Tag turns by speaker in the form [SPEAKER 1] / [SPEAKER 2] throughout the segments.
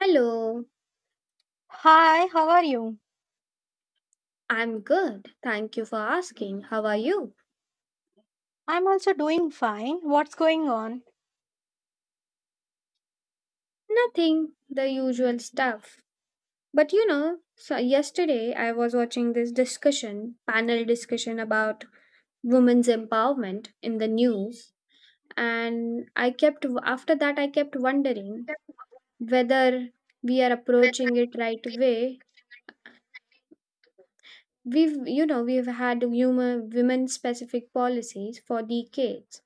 [SPEAKER 1] Hello.
[SPEAKER 2] Hi, how are you?
[SPEAKER 1] I'm good, thank you for asking. How are you?
[SPEAKER 2] I'm also doing fine. What's going on?
[SPEAKER 1] Nothing, the usual stuff. But you know, so yesterday I was watching this discussion, panel discussion about women's empowerment in the news, and I kept after that I kept wondering whether we are approaching it right way. We've we've had human women specific policies for decades.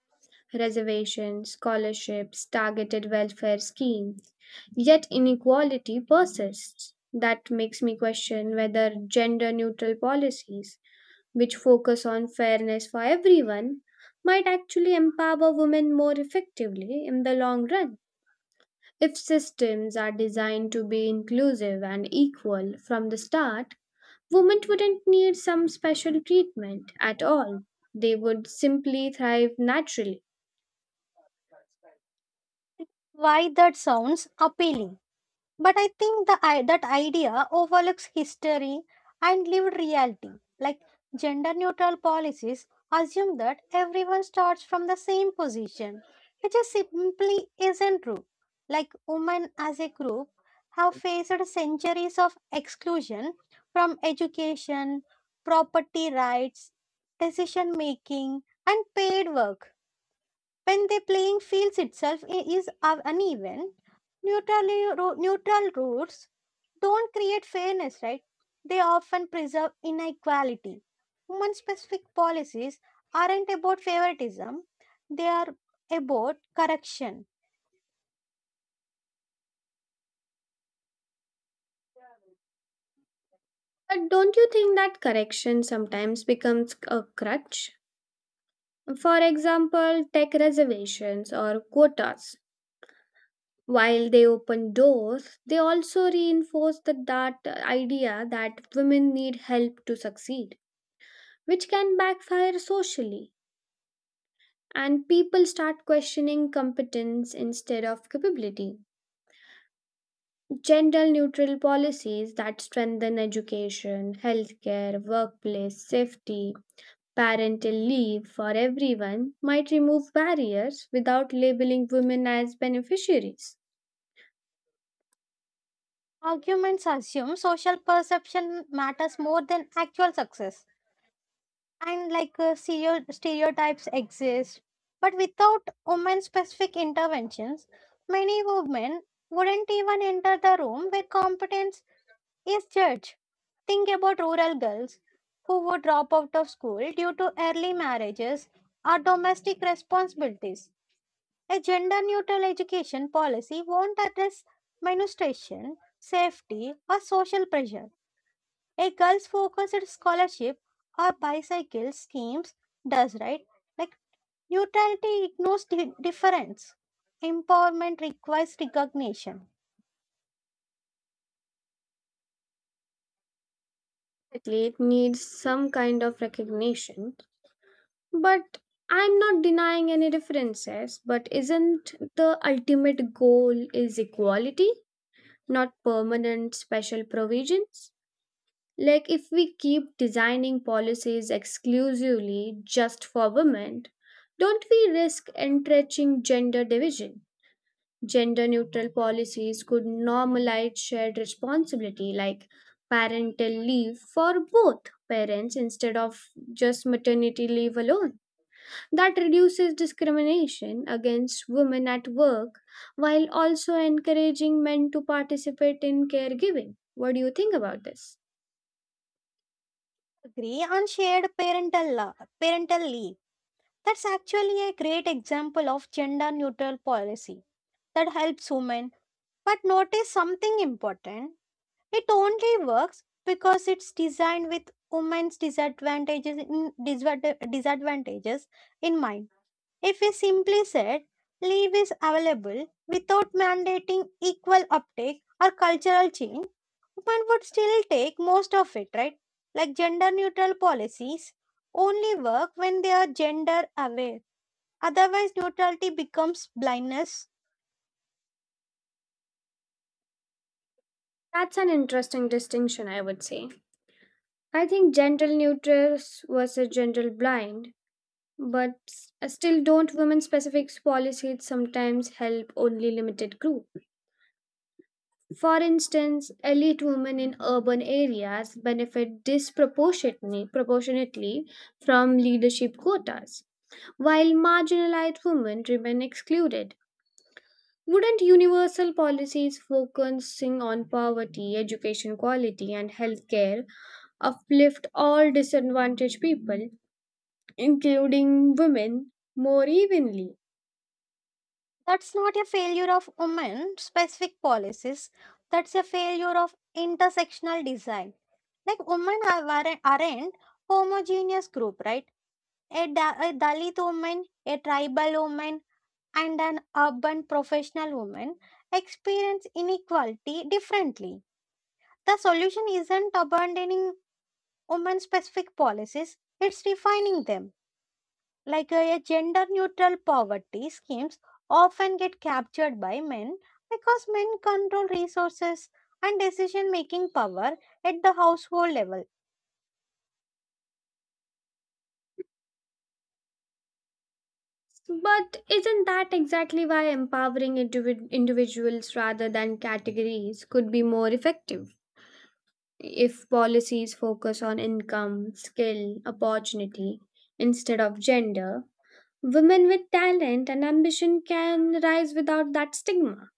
[SPEAKER 1] Reservations, scholarships, targeted welfare schemes. Yet inequality persists. That makes me question whether gender neutral policies, which focus on fairness for everyone, might actually empower women more effectively in the long run. If systems are designed to be inclusive and equal from the start, women wouldn't need some special treatment at all. They would simply thrive naturally.
[SPEAKER 2] Why that sounds appealing. But I think that idea overlooks history and lived reality. Like gender neutral policies assume that everyone starts from the same position, which is simply isn't true. Like women as a group have faced centuries of exclusion from education, property rights, decision making, and paid work. When the playing fields itself uneven, neutral, neutral rules don't create fairness, right? They often preserve inequality. Human specific policies aren't about favoritism, they are about correction.
[SPEAKER 1] But don't you think that correction sometimes becomes a crutch? For example, tech reservations or quotas. While they open doors, they also reinforce that idea that women need help to succeed, which can backfire socially. And people start questioning competence instead of capability. Gender neutral policies that strengthen education, healthcare, workplace, safety, parental leave for everyone might remove barriers without labeling women as beneficiaries.
[SPEAKER 2] Arguments assume social perception matters more than actual success. And like stereotypes exist. But without women specific interventions, many women wouldn't even enter the room where competence is judged. Think about rural girls who would drop out of school due to early marriages or domestic responsibilities. A gender neutral education policy won't address menstruation, safety, or social pressure. A girls focused scholarship or bicycle schemes does, right? Like neutrality ignores difference. Empowerment requires recognition.
[SPEAKER 1] Definitely, it needs some kind of recognition, but I'm not denying any differences. But isn't the ultimate goal is equality, not permanent special provisions? Like if we keep designing policies exclusively just for women, don't we risk entrenching gender division? Gender neutral policies could normalize shared responsibility, like parental leave for both parents instead of just maternity leave alone. That reduces discrimination against women at work while also encouraging men to participate in caregiving. What do you think about this?
[SPEAKER 2] Agree on shared parental leave. That's actually a great example of gender neutral policy that helps women. But notice something important. It only works because it's designed with women's disadvantages in disadvantages in mind. If we simply said leave is available without mandating equal uptake or cultural change, women would still take most of it, right? Like gender neutral policies only work when they are gender aware. Otherwise, neutrality becomes blindness.
[SPEAKER 1] That's an interesting distinction, I would say. I think gender neutral versus gender blind. But still, don't women specific policies sometimes help only limited group? For instance, elite women in urban areas benefit disproportionately proportionately from leadership quotas, while marginalized women remain excluded. Wouldn't universal policies focusing on poverty, education quality, and healthcare uplift all disadvantaged people, including women, more evenly?
[SPEAKER 2] That's not a failure of women specific policies, that's a failure of intersectional design. Like, aren't homogeneous group, right? A Dalit woman, a tribal woman, and an urban professional woman experience inequality differently. The solution isn't abandoning women specific policies, it's refining them. Like a gender neutral poverty schemes often get captured by men because men control resources and decision making power at the household level.
[SPEAKER 1] But isn't that exactly why empowering individuals rather than categories could be more effective? If policies focus on income, skill, opportunity instead of gender, women with talent and ambition can rise without that stigma.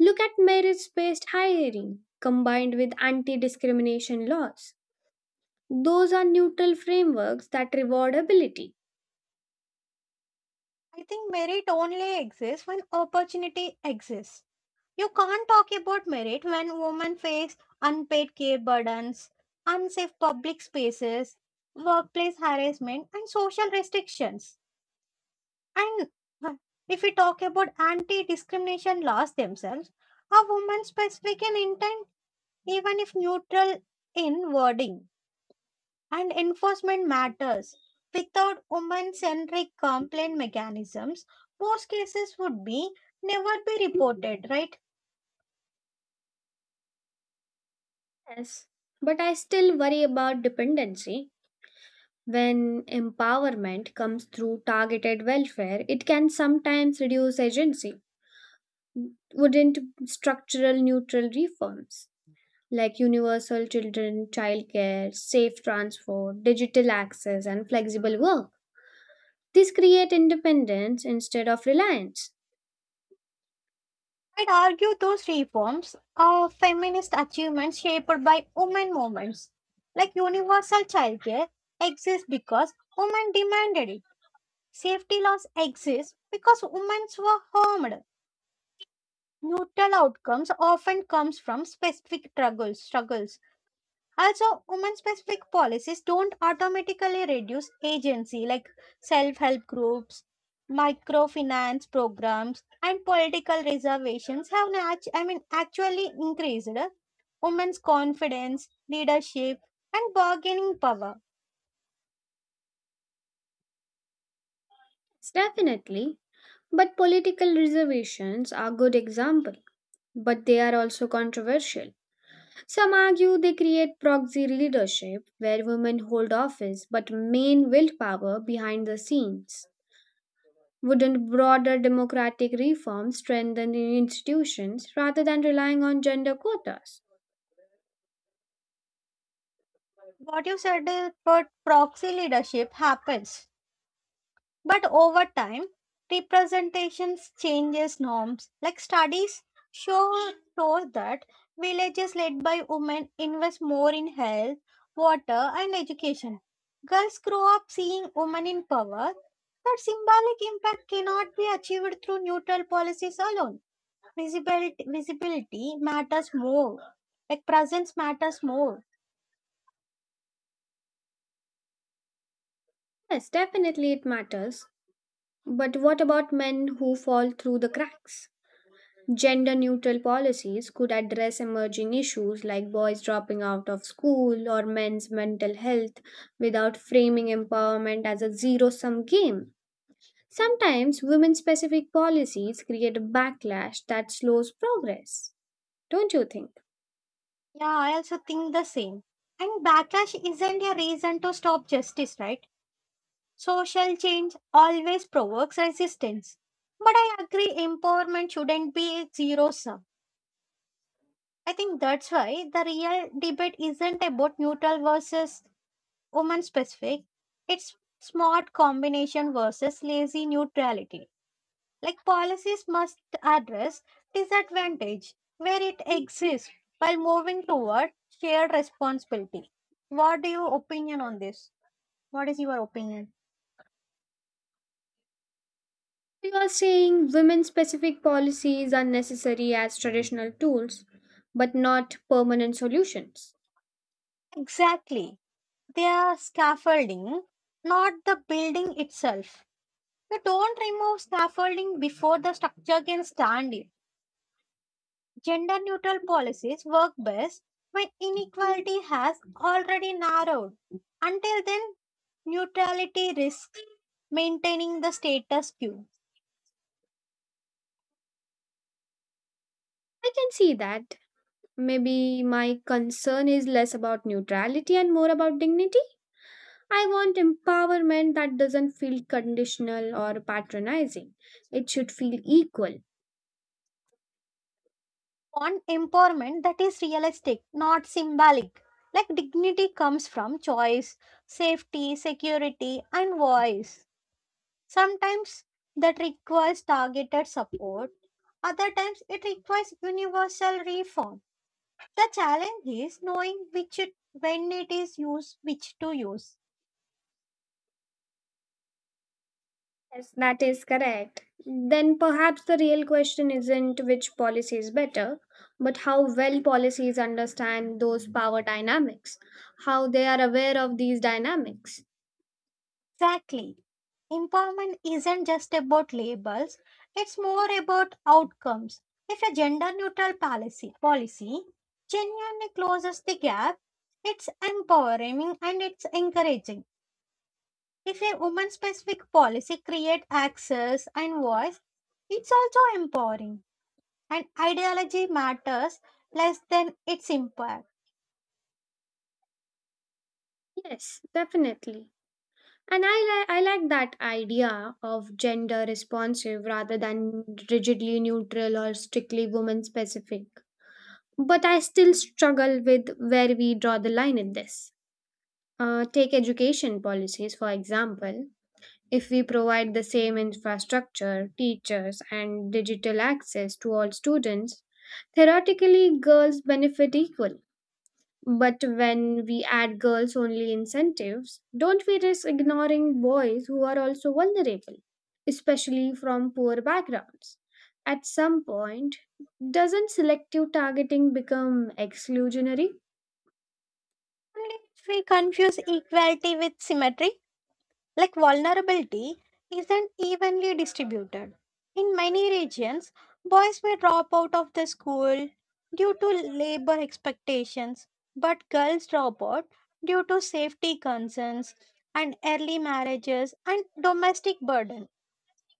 [SPEAKER 1] Look at merit based hiring combined with anti discrimination laws. Those are neutral frameworks that reward ability.
[SPEAKER 2] I think merit only exists when opportunity exists. You can't talk about merit when women face unpaid care burdens, unsafe public spaces, workplace harassment, and social restrictions. And uh, if we talk about anti discrimination laws themselves, are women specific in intent, even if neutral in wording, and enforcement matters. Without women centric complaint mechanisms, most cases would be never be reported, right?
[SPEAKER 1] Yes. But I still worry about dependency. When empowerment comes through targeted welfare, it can sometimes reduce agency. Wouldn't structural neutral reforms like universal children childcare, safe transport, digital access, and flexible work? These create independence instead of reliance.
[SPEAKER 2] I'd argue those reforms are feminist achievements shaped by women movements. Like universal childcare exists because women demanded it. Safety laws exist because women were harmed. Neutral outcomes often comes from specific struggles. Also, women specific policies don't automatically reduce agency, like self help groups, microfinance programs, and political reservations have nat- I mean, actually increased women's confidence, leadership, and bargaining power.
[SPEAKER 1] Definitely. But political reservations are good example, but they are also controversial. Some argue they create proxy leadership where women hold office but main willpower behind the scenes. Wouldn't broader democratic reform strengthen the institutions rather than relying on gender quotas?
[SPEAKER 2] What you said about proxy leadership happens. But over time, representations changes norms. Like studies show show that villages led by women invest more in health, water, and education. Girls grow up seeing women in power. That symbolic impact cannot be achieved through neutral policies alone. Visibility, matters more. Like presence matters more.
[SPEAKER 1] Yes, definitely it matters. But what about men who fall through the cracks? Gender neutral policies could address emerging issues like boys dropping out of school or men's mental health without framing empowerment as a zero sum game. Sometimes women specific policies create a backlash that slows progress, don't you think?
[SPEAKER 2] Yeah, I also think the same. And backlash isn't a reason to stop justice, right? Social change always provokes resistance. But I agree, empowerment shouldn't be a zero sum. I think that's why the real debate isn't about neutral versus woman specific, it's smart combination versus lazy neutrality. Like policies must address disadvantage where it exists while moving toward shared responsibility. What do you opinion on this? What is your opinion?
[SPEAKER 1] You are saying women specific policies are necessary as traditional tools, but not permanent solutions.
[SPEAKER 2] Exactly. Their scaffolding, not the building itself. We don't remove scaffolding before the structure can stand it. Gender neutral policies work best when inequality has already narrowed. Until then, neutrality risks maintaining the status quo.
[SPEAKER 1] I can see that. Maybe my concern is less about neutrality and more about dignity. I want empowerment that doesn't feel conditional or patronizing. It should feel equal.
[SPEAKER 2] On empowerment that is realistic, not symbolic. Like dignity comes from choice, safety, security, and voice. Sometimes that requires targeted support, other times it requires universal reform. The challenge is knowing when it is used, which to use.
[SPEAKER 1] Yes, that is correct. Then perhaps the real question isn't which policy is better, but how well policies understand those power dynamics, how they are aware of these dynamics.
[SPEAKER 2] Exactly. Empowerment isn't just about labels, it's more about outcomes. If a gender neutral policy genuinely closes the gap, it's empowering and it's encouraging. If a woman specific policy creates access and voice, it's also empowering, and ideology matters less than its impact.
[SPEAKER 1] Yes, definitely. And I like that idea of gender responsive rather than rigidly neutral or strictly woman specific. But I still struggle with where we draw the line in this. Take education policies, for example. If we provide the same infrastructure, teachers, and digital access to all students, theoretically girls benefit equally. But when we add girls only incentives, don't we risk ignoring boys who are also vulnerable, especially from poor backgrounds? At some point, doesn't selective targeting become exclusionary?
[SPEAKER 2] And if we confuse equality with symmetry, like vulnerability isn't evenly distributed. In many regions, boys may drop out of the school due to labor expectations, but girls drop out due to safety concerns and early marriages and domestic burdens.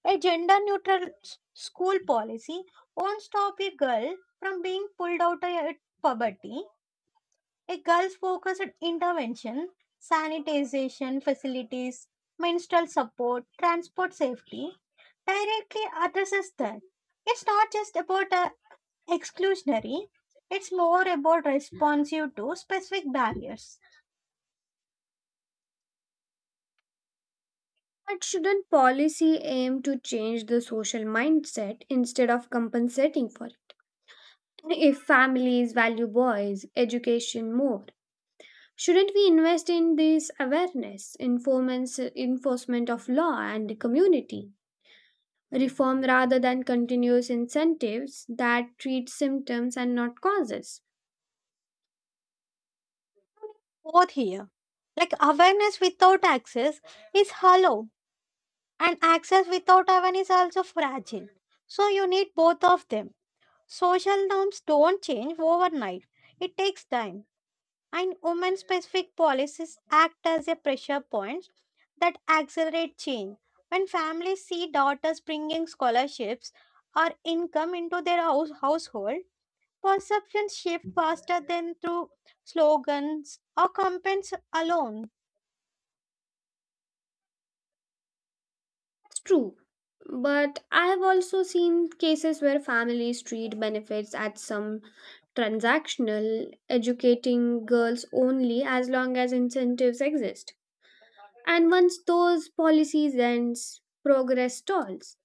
[SPEAKER 2] A gender neutral school policy won't stop a girl from being pulled out of poverty. A girl's focused intervention, sanitization facilities, menstrual support, transport safety directly addresses that. It's not just about exclusionary, it's more about responsive to specific barriers.
[SPEAKER 1] But shouldn't policy aim to change the social mindset instead of compensating for it? If families value boys' education more, shouldn't we invest in this awareness, enforcement of law, and community reform rather than continuous incentives that treat symptoms and not causes?
[SPEAKER 2] Both here, like awareness without access is hollow and access without awareness also fragile, so you need both of them. Social norms don't change overnight, it takes time, and women specific policies act as a pressure points that accelerate change. When families see daughters bringing scholarships or income into their household, perceptions shift faster than through slogans or campaigns alone.
[SPEAKER 1] It's true. But I have also seen cases where families treat benefits as some transactional, educating girls only as long as incentives exist. And once those policies ends, progress stalls.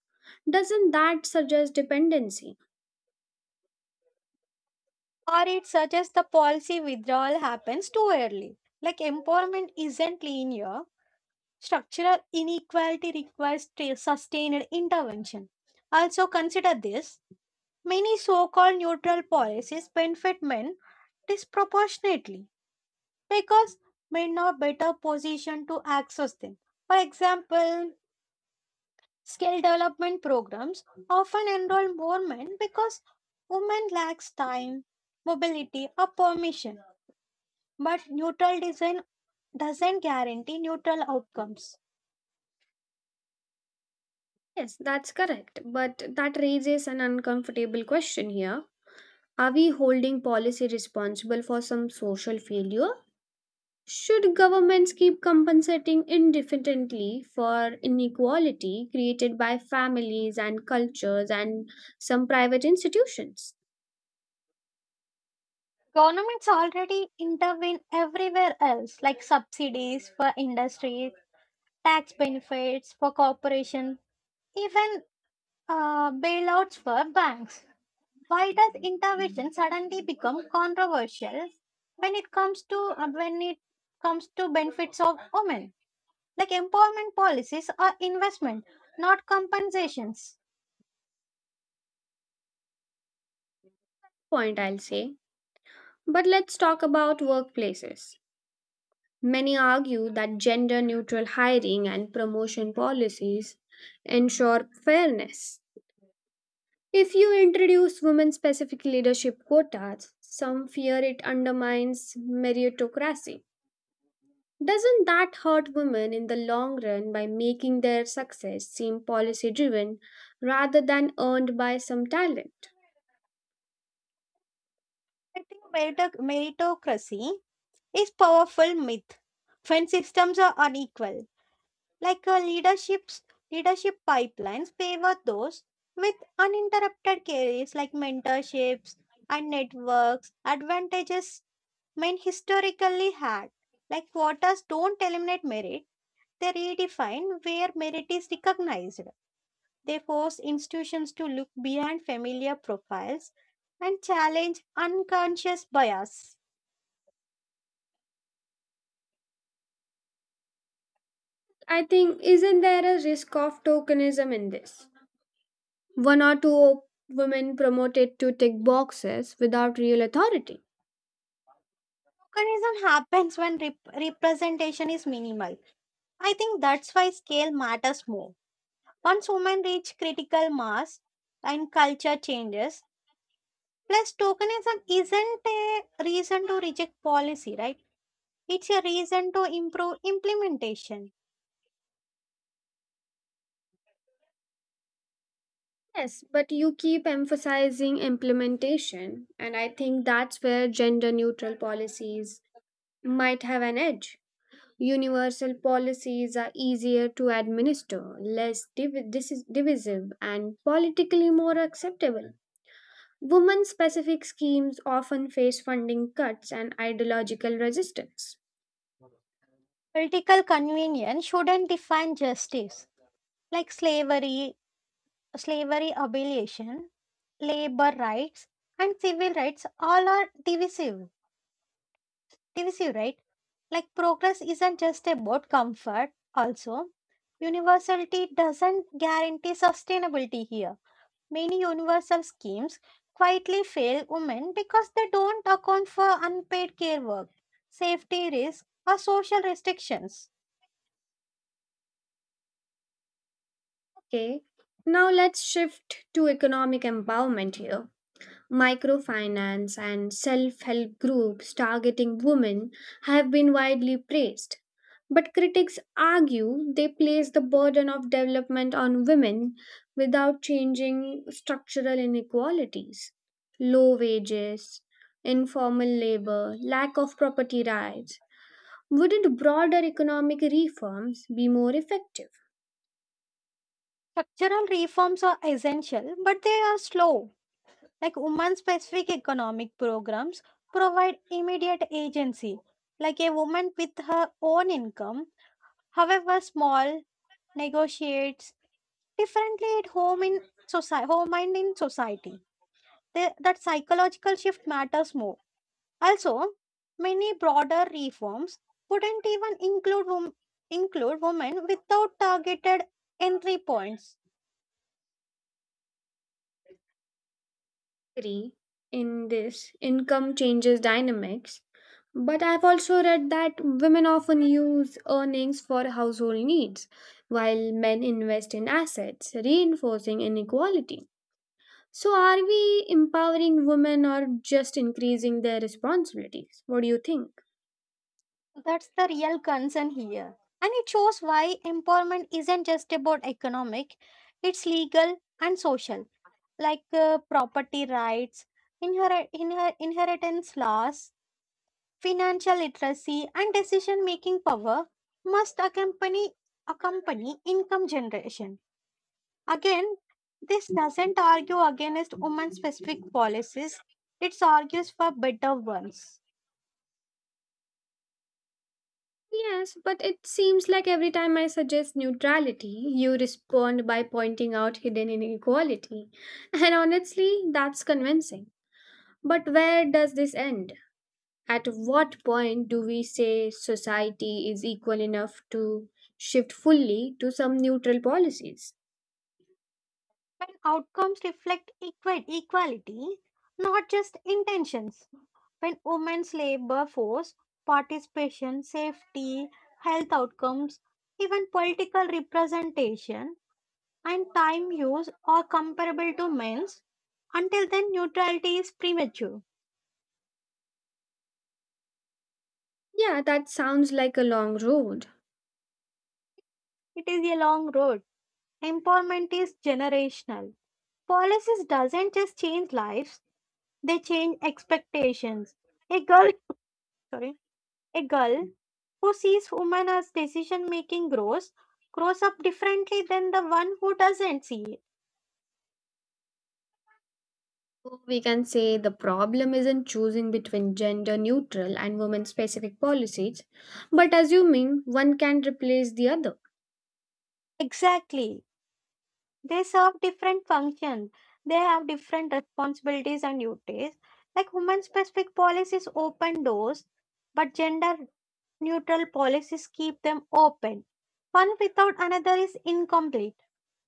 [SPEAKER 1] Doesn't that suggest dependency?
[SPEAKER 2] Or it suggests the policy withdrawal happens too early. Like empowerment isn't linear, structural inequality requires sustained intervention. Also, consider this, many so called neutral policies benefit men disproportionately because men are better positioned to access them. For example, skill development programs often enroll more men because women lacks time, mobility, or permission. But neutral design doesn't guarantee neutral outcomes.
[SPEAKER 1] Yes, that's correct. But that raises an uncomfortable question here. Are we holding policy responsible for some social failure? Should governments keep compensating indefinitely for inequality created by families and cultures and some private institutions?
[SPEAKER 2] Governments already intervene everywhere else, like subsidies for industries, tax benefits for corporations, even bailouts for banks. Why does intervention suddenly become controversial when it comes to benefits of women? Like empowerment policies are investment, not compensations.
[SPEAKER 1] Point I'll say. But let's talk about workplaces. Many argue that gender neutral hiring and promotion policies ensure fairness. If you introduce women specific leadership quotas, some fear it undermines meritocracy. Doesn't that hurt women in the long run by making their success seem policy driven rather than earned by some talent?
[SPEAKER 2] Effective meritocracy is powerful myth. When systems are unequal, like a leadership pipelines favor those with uninterrupted careers like mentorships and networks, advantages men historically had. Like quotas don't eliminate merit, they redefine where merit is recognized. They force institutions to look beyond familiar profiles and challenge unconscious bias.
[SPEAKER 1] I think, isn't there a risk of tokenism in this? One or two women promoted to tick boxes without real authority.
[SPEAKER 2] Tokenism happens when representation is minimal. I think that's why scale matters more. Once women reach critical mass and culture changes, plus tokenism isn't a reason to reject policy, right? It's a reason to improve implementation.
[SPEAKER 1] Yes, but you keep emphasizing implementation, and I think that's where gender neutral policies might have an edge. Universal policies are easier to administer, less divisive, and politically more acceptable. Women specific schemes often face funding cuts and ideological resistance.
[SPEAKER 2] Political convenience shouldn't define justice. Like slavery abolition, labor rights, and civil rights all are divisive. Tennessee, right? Like progress isn't just about comfort, also. Universality doesn't guarantee sustainability here. Many universal schemes quietly fail women because they don't account for unpaid care work, safety risks, or social restrictions.
[SPEAKER 1] Okay, now let's shift to economic empowerment here. Microfinance and self help groups targeting women have been widely praised, but critics argue they place the burden of development on women without changing structural inequalities. Low wages, informal labor, lack of property rights. Wouldn't broader economic reforms be more effective?
[SPEAKER 2] Structural reforms are essential, but they are slow. Like women specific economic programs provide immediate agency. Like a woman with her own income, however small, negotiates differently at home in society home and in society. That psychological shift matters more. Also, many broader reforms wouldn't even include wom- include women without targeted entry points.
[SPEAKER 1] Three, in this income changes dynamics, but I've also read that women often use earnings for household needs, while men invest in assets, reinforcing inequality. So, are we empowering women or just increasing their responsibilities? What do you think?
[SPEAKER 2] That's the real concern here, and it shows why empowerment isn't just about economic, it's legal and social. Like property rights, inheritance laws, financial literacy and decision making power must accompany income generation. Again, this doesn't argue against women specific policies, it argues for better ones.
[SPEAKER 1] Yes, but it seems like every time I suggest neutrality, you respond by pointing out hidden inequality. And honestly, that's convincing. But where does this end? At what point do we say society is equal enough to shift fully to some neutral policies?
[SPEAKER 2] When outcomes reflect equality, not just intentions. When women's labor force, participation, safety, health outcomes, even political representation and time use are comparable to men's, until then, neutrality is premature.
[SPEAKER 1] Yeah, that sounds like a long road.
[SPEAKER 2] It is a long road. Empowerment is generational. Policies doesn't just change lives, they change expectations. A girl, sorry, a girl who sees women as decision making grows up differently than the one who doesn't see it.
[SPEAKER 1] We can say the problem isn't choosing between gender neutral and women specific policies, but assuming one can replace the other.
[SPEAKER 2] Exactly. They serve different functions. They have different responsibilities and duties. Like women specific policies open doors, but gender neutral policies keep them open. One without another is incomplete.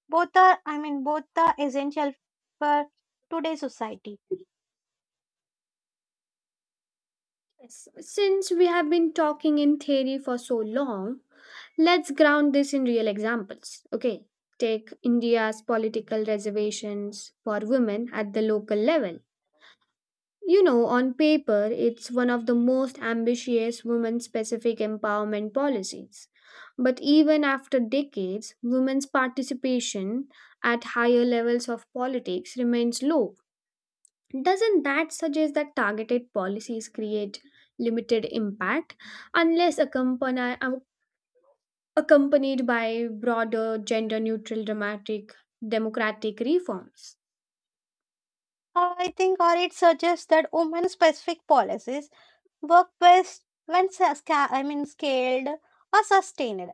[SPEAKER 2] Both are essential for today's society.
[SPEAKER 1] Yes, since we have been talking in theory for so long, let's ground this in real examples. Okay, take India's political reservations for women at the local level. You know, on paper, it's one of the most ambitious women specific empowerment policies. But even after decades, women's participation at higher levels of politics remains low. Doesn't that suggest that targeted policies create limited impact unless accompanied by broader gender neutral dramatic democratic reforms.
[SPEAKER 2] I think, or it suggests that women-specific policies work best when scaled or sustained.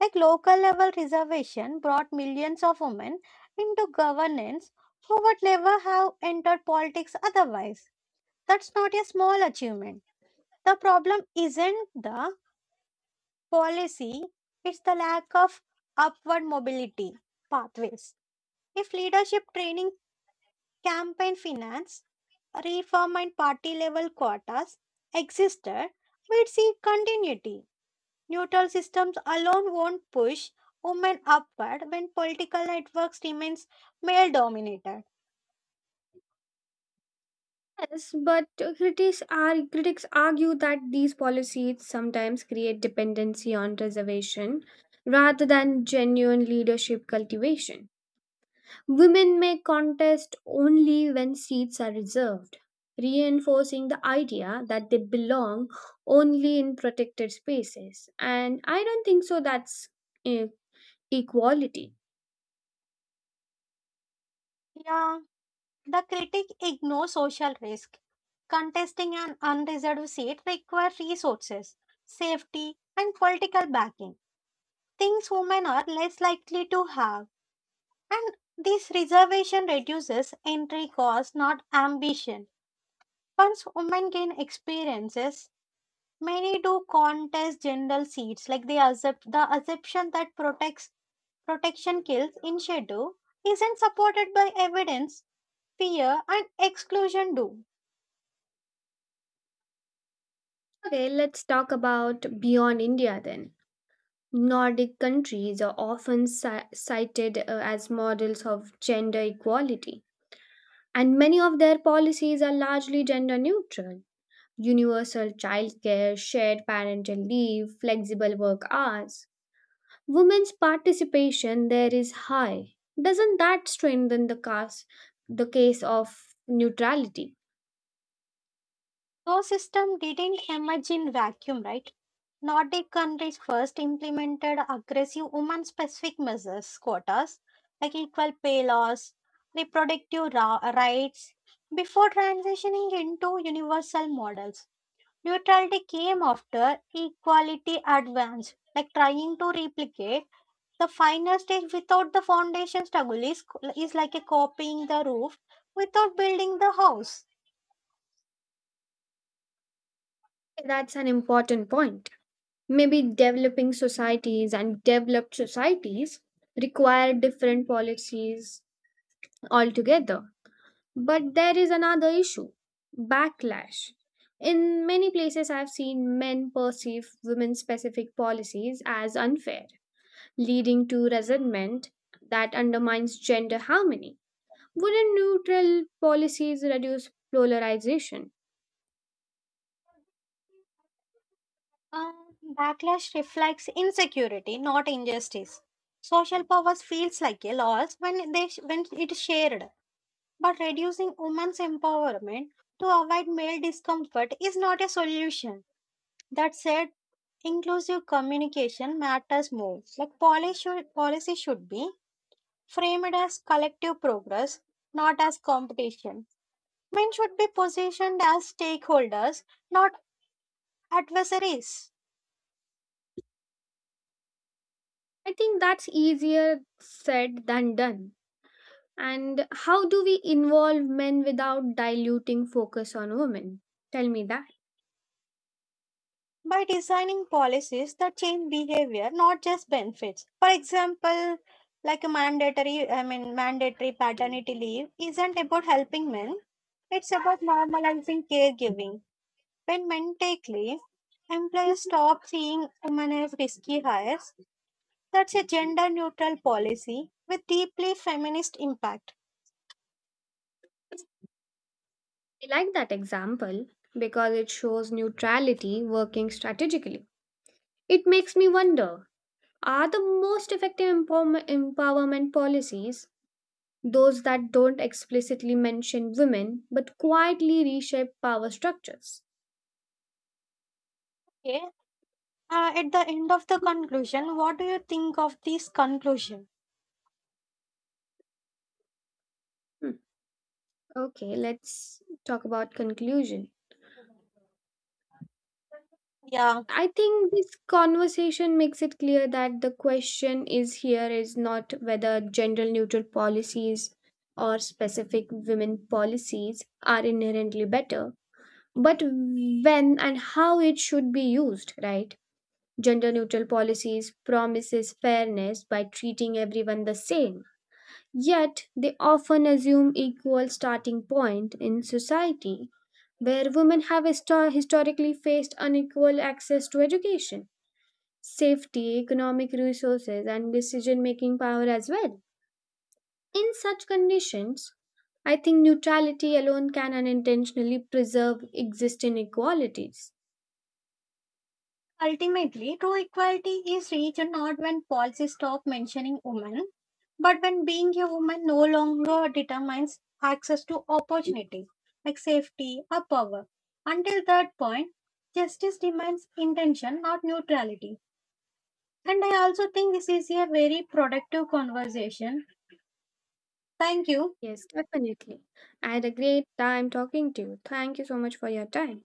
[SPEAKER 2] Like local level reservation brought millions of women into governance who would never have entered politics otherwise. That's not a small achievement. The problem isn't the policy, it's the lack of upward mobility pathways. If leadership training, campaign finance, reform, and party level quotas existed, we'd see continuity. Neutral systems alone won't push women upward when political networks remains male dominated.
[SPEAKER 1] Yes, but critics argue that these policies sometimes create dependency on reservation rather than genuine leadership cultivation. Women may contest only when seats are reserved, reinforcing the idea that they belong only in protected spaces. And I don't think so that's eh, equality.
[SPEAKER 2] Yeah. The critic ignores social risk. Contesting an unreserved seat requires resources, safety, and political backing, things women are less likely to have. And this reservation reduces entry cost, not ambition. Once women gain experiences, many do contest general seats, like they accept the assumption that protects protection kills initiative isn't supported by evidence, fear, and exclusion do.
[SPEAKER 1] Okay, let's talk about beyond India then. Nordic countries are often cited as models of gender equality, and many of their policies are largely gender neutral. Universal childcare, shared parental leave, flexible work hours. Women's participation there is high. Doesn't that strengthen the case of neutrality?
[SPEAKER 2] Those system didn't emerge in vacuum, right? Nordic countries first implemented aggressive woman specific measures, quotas, like equal pay laws, rights, before transitioning into universal models. Neutrality came after equality advanced, like trying to replicate the final stage without the foundation is like a copying the roof without building the house.
[SPEAKER 1] That's an important point. Maybe developing societies and developed societies require different policies altogether. But there is another issue: backlash. In many places, I've seen men perceive women specific policies as unfair, leading to resentment that undermines gender harmony. Wouldn't neutral policies reduce polarization?
[SPEAKER 2] Backlash reflects insecurity, not injustice. Social power feels like a loss when it is shared, but reducing women's empowerment to avoid male discomfort is not a solution. That said, inclusive communication matters more. Like policy should be framed as collective progress, not as competition. Men should be positioned as stakeholders, not adversaries.
[SPEAKER 1] I think that's easier said than done. And how do we involve men without diluting focus on women? Tell me that.
[SPEAKER 2] By designing policies that change behavior not just benefits, for example, like a mandatory I mean mandatory paternity leave isn't about helping men, it's about normalizing caregiving. When men take leave, employers stop seeing women as risky hires. That's a gender neutral policy with deeply feminist impact.
[SPEAKER 1] I like that example because it shows neutrality working strategically. It makes me wonder, are the most effective empowerment policies those that don't explicitly mention women but quietly reshape power structures?
[SPEAKER 2] Okay, at the end of the conclusion, what do you think of this conclusion?
[SPEAKER 1] Hmm. Okay, let's talk about conclusion.
[SPEAKER 2] Yeah.
[SPEAKER 1] I think this conversation makes it clear that the question is here is not whether gender neutral policies or specific women policies are inherently better, but when and how it should be used, right? Gender neutral policies promises fairness by treating everyone the same, yet they often assume equal starting point in society where women have historically faced unequal access to education safety, economic resources, and decision making power as well. In such conditions, I think neutrality alone can unintentionally preserve existing inequalities.
[SPEAKER 2] Ultimately, true equality is reached not when policies stop mentioning women, but when being a woman no longer determines access to opportunity, like safety or power. Until that point, justice demands intention, not neutrality. And I also think this is a very productive conversation. Thank you.
[SPEAKER 1] Yes, definitely. I had a great time talking to you. Thank you so much for your time.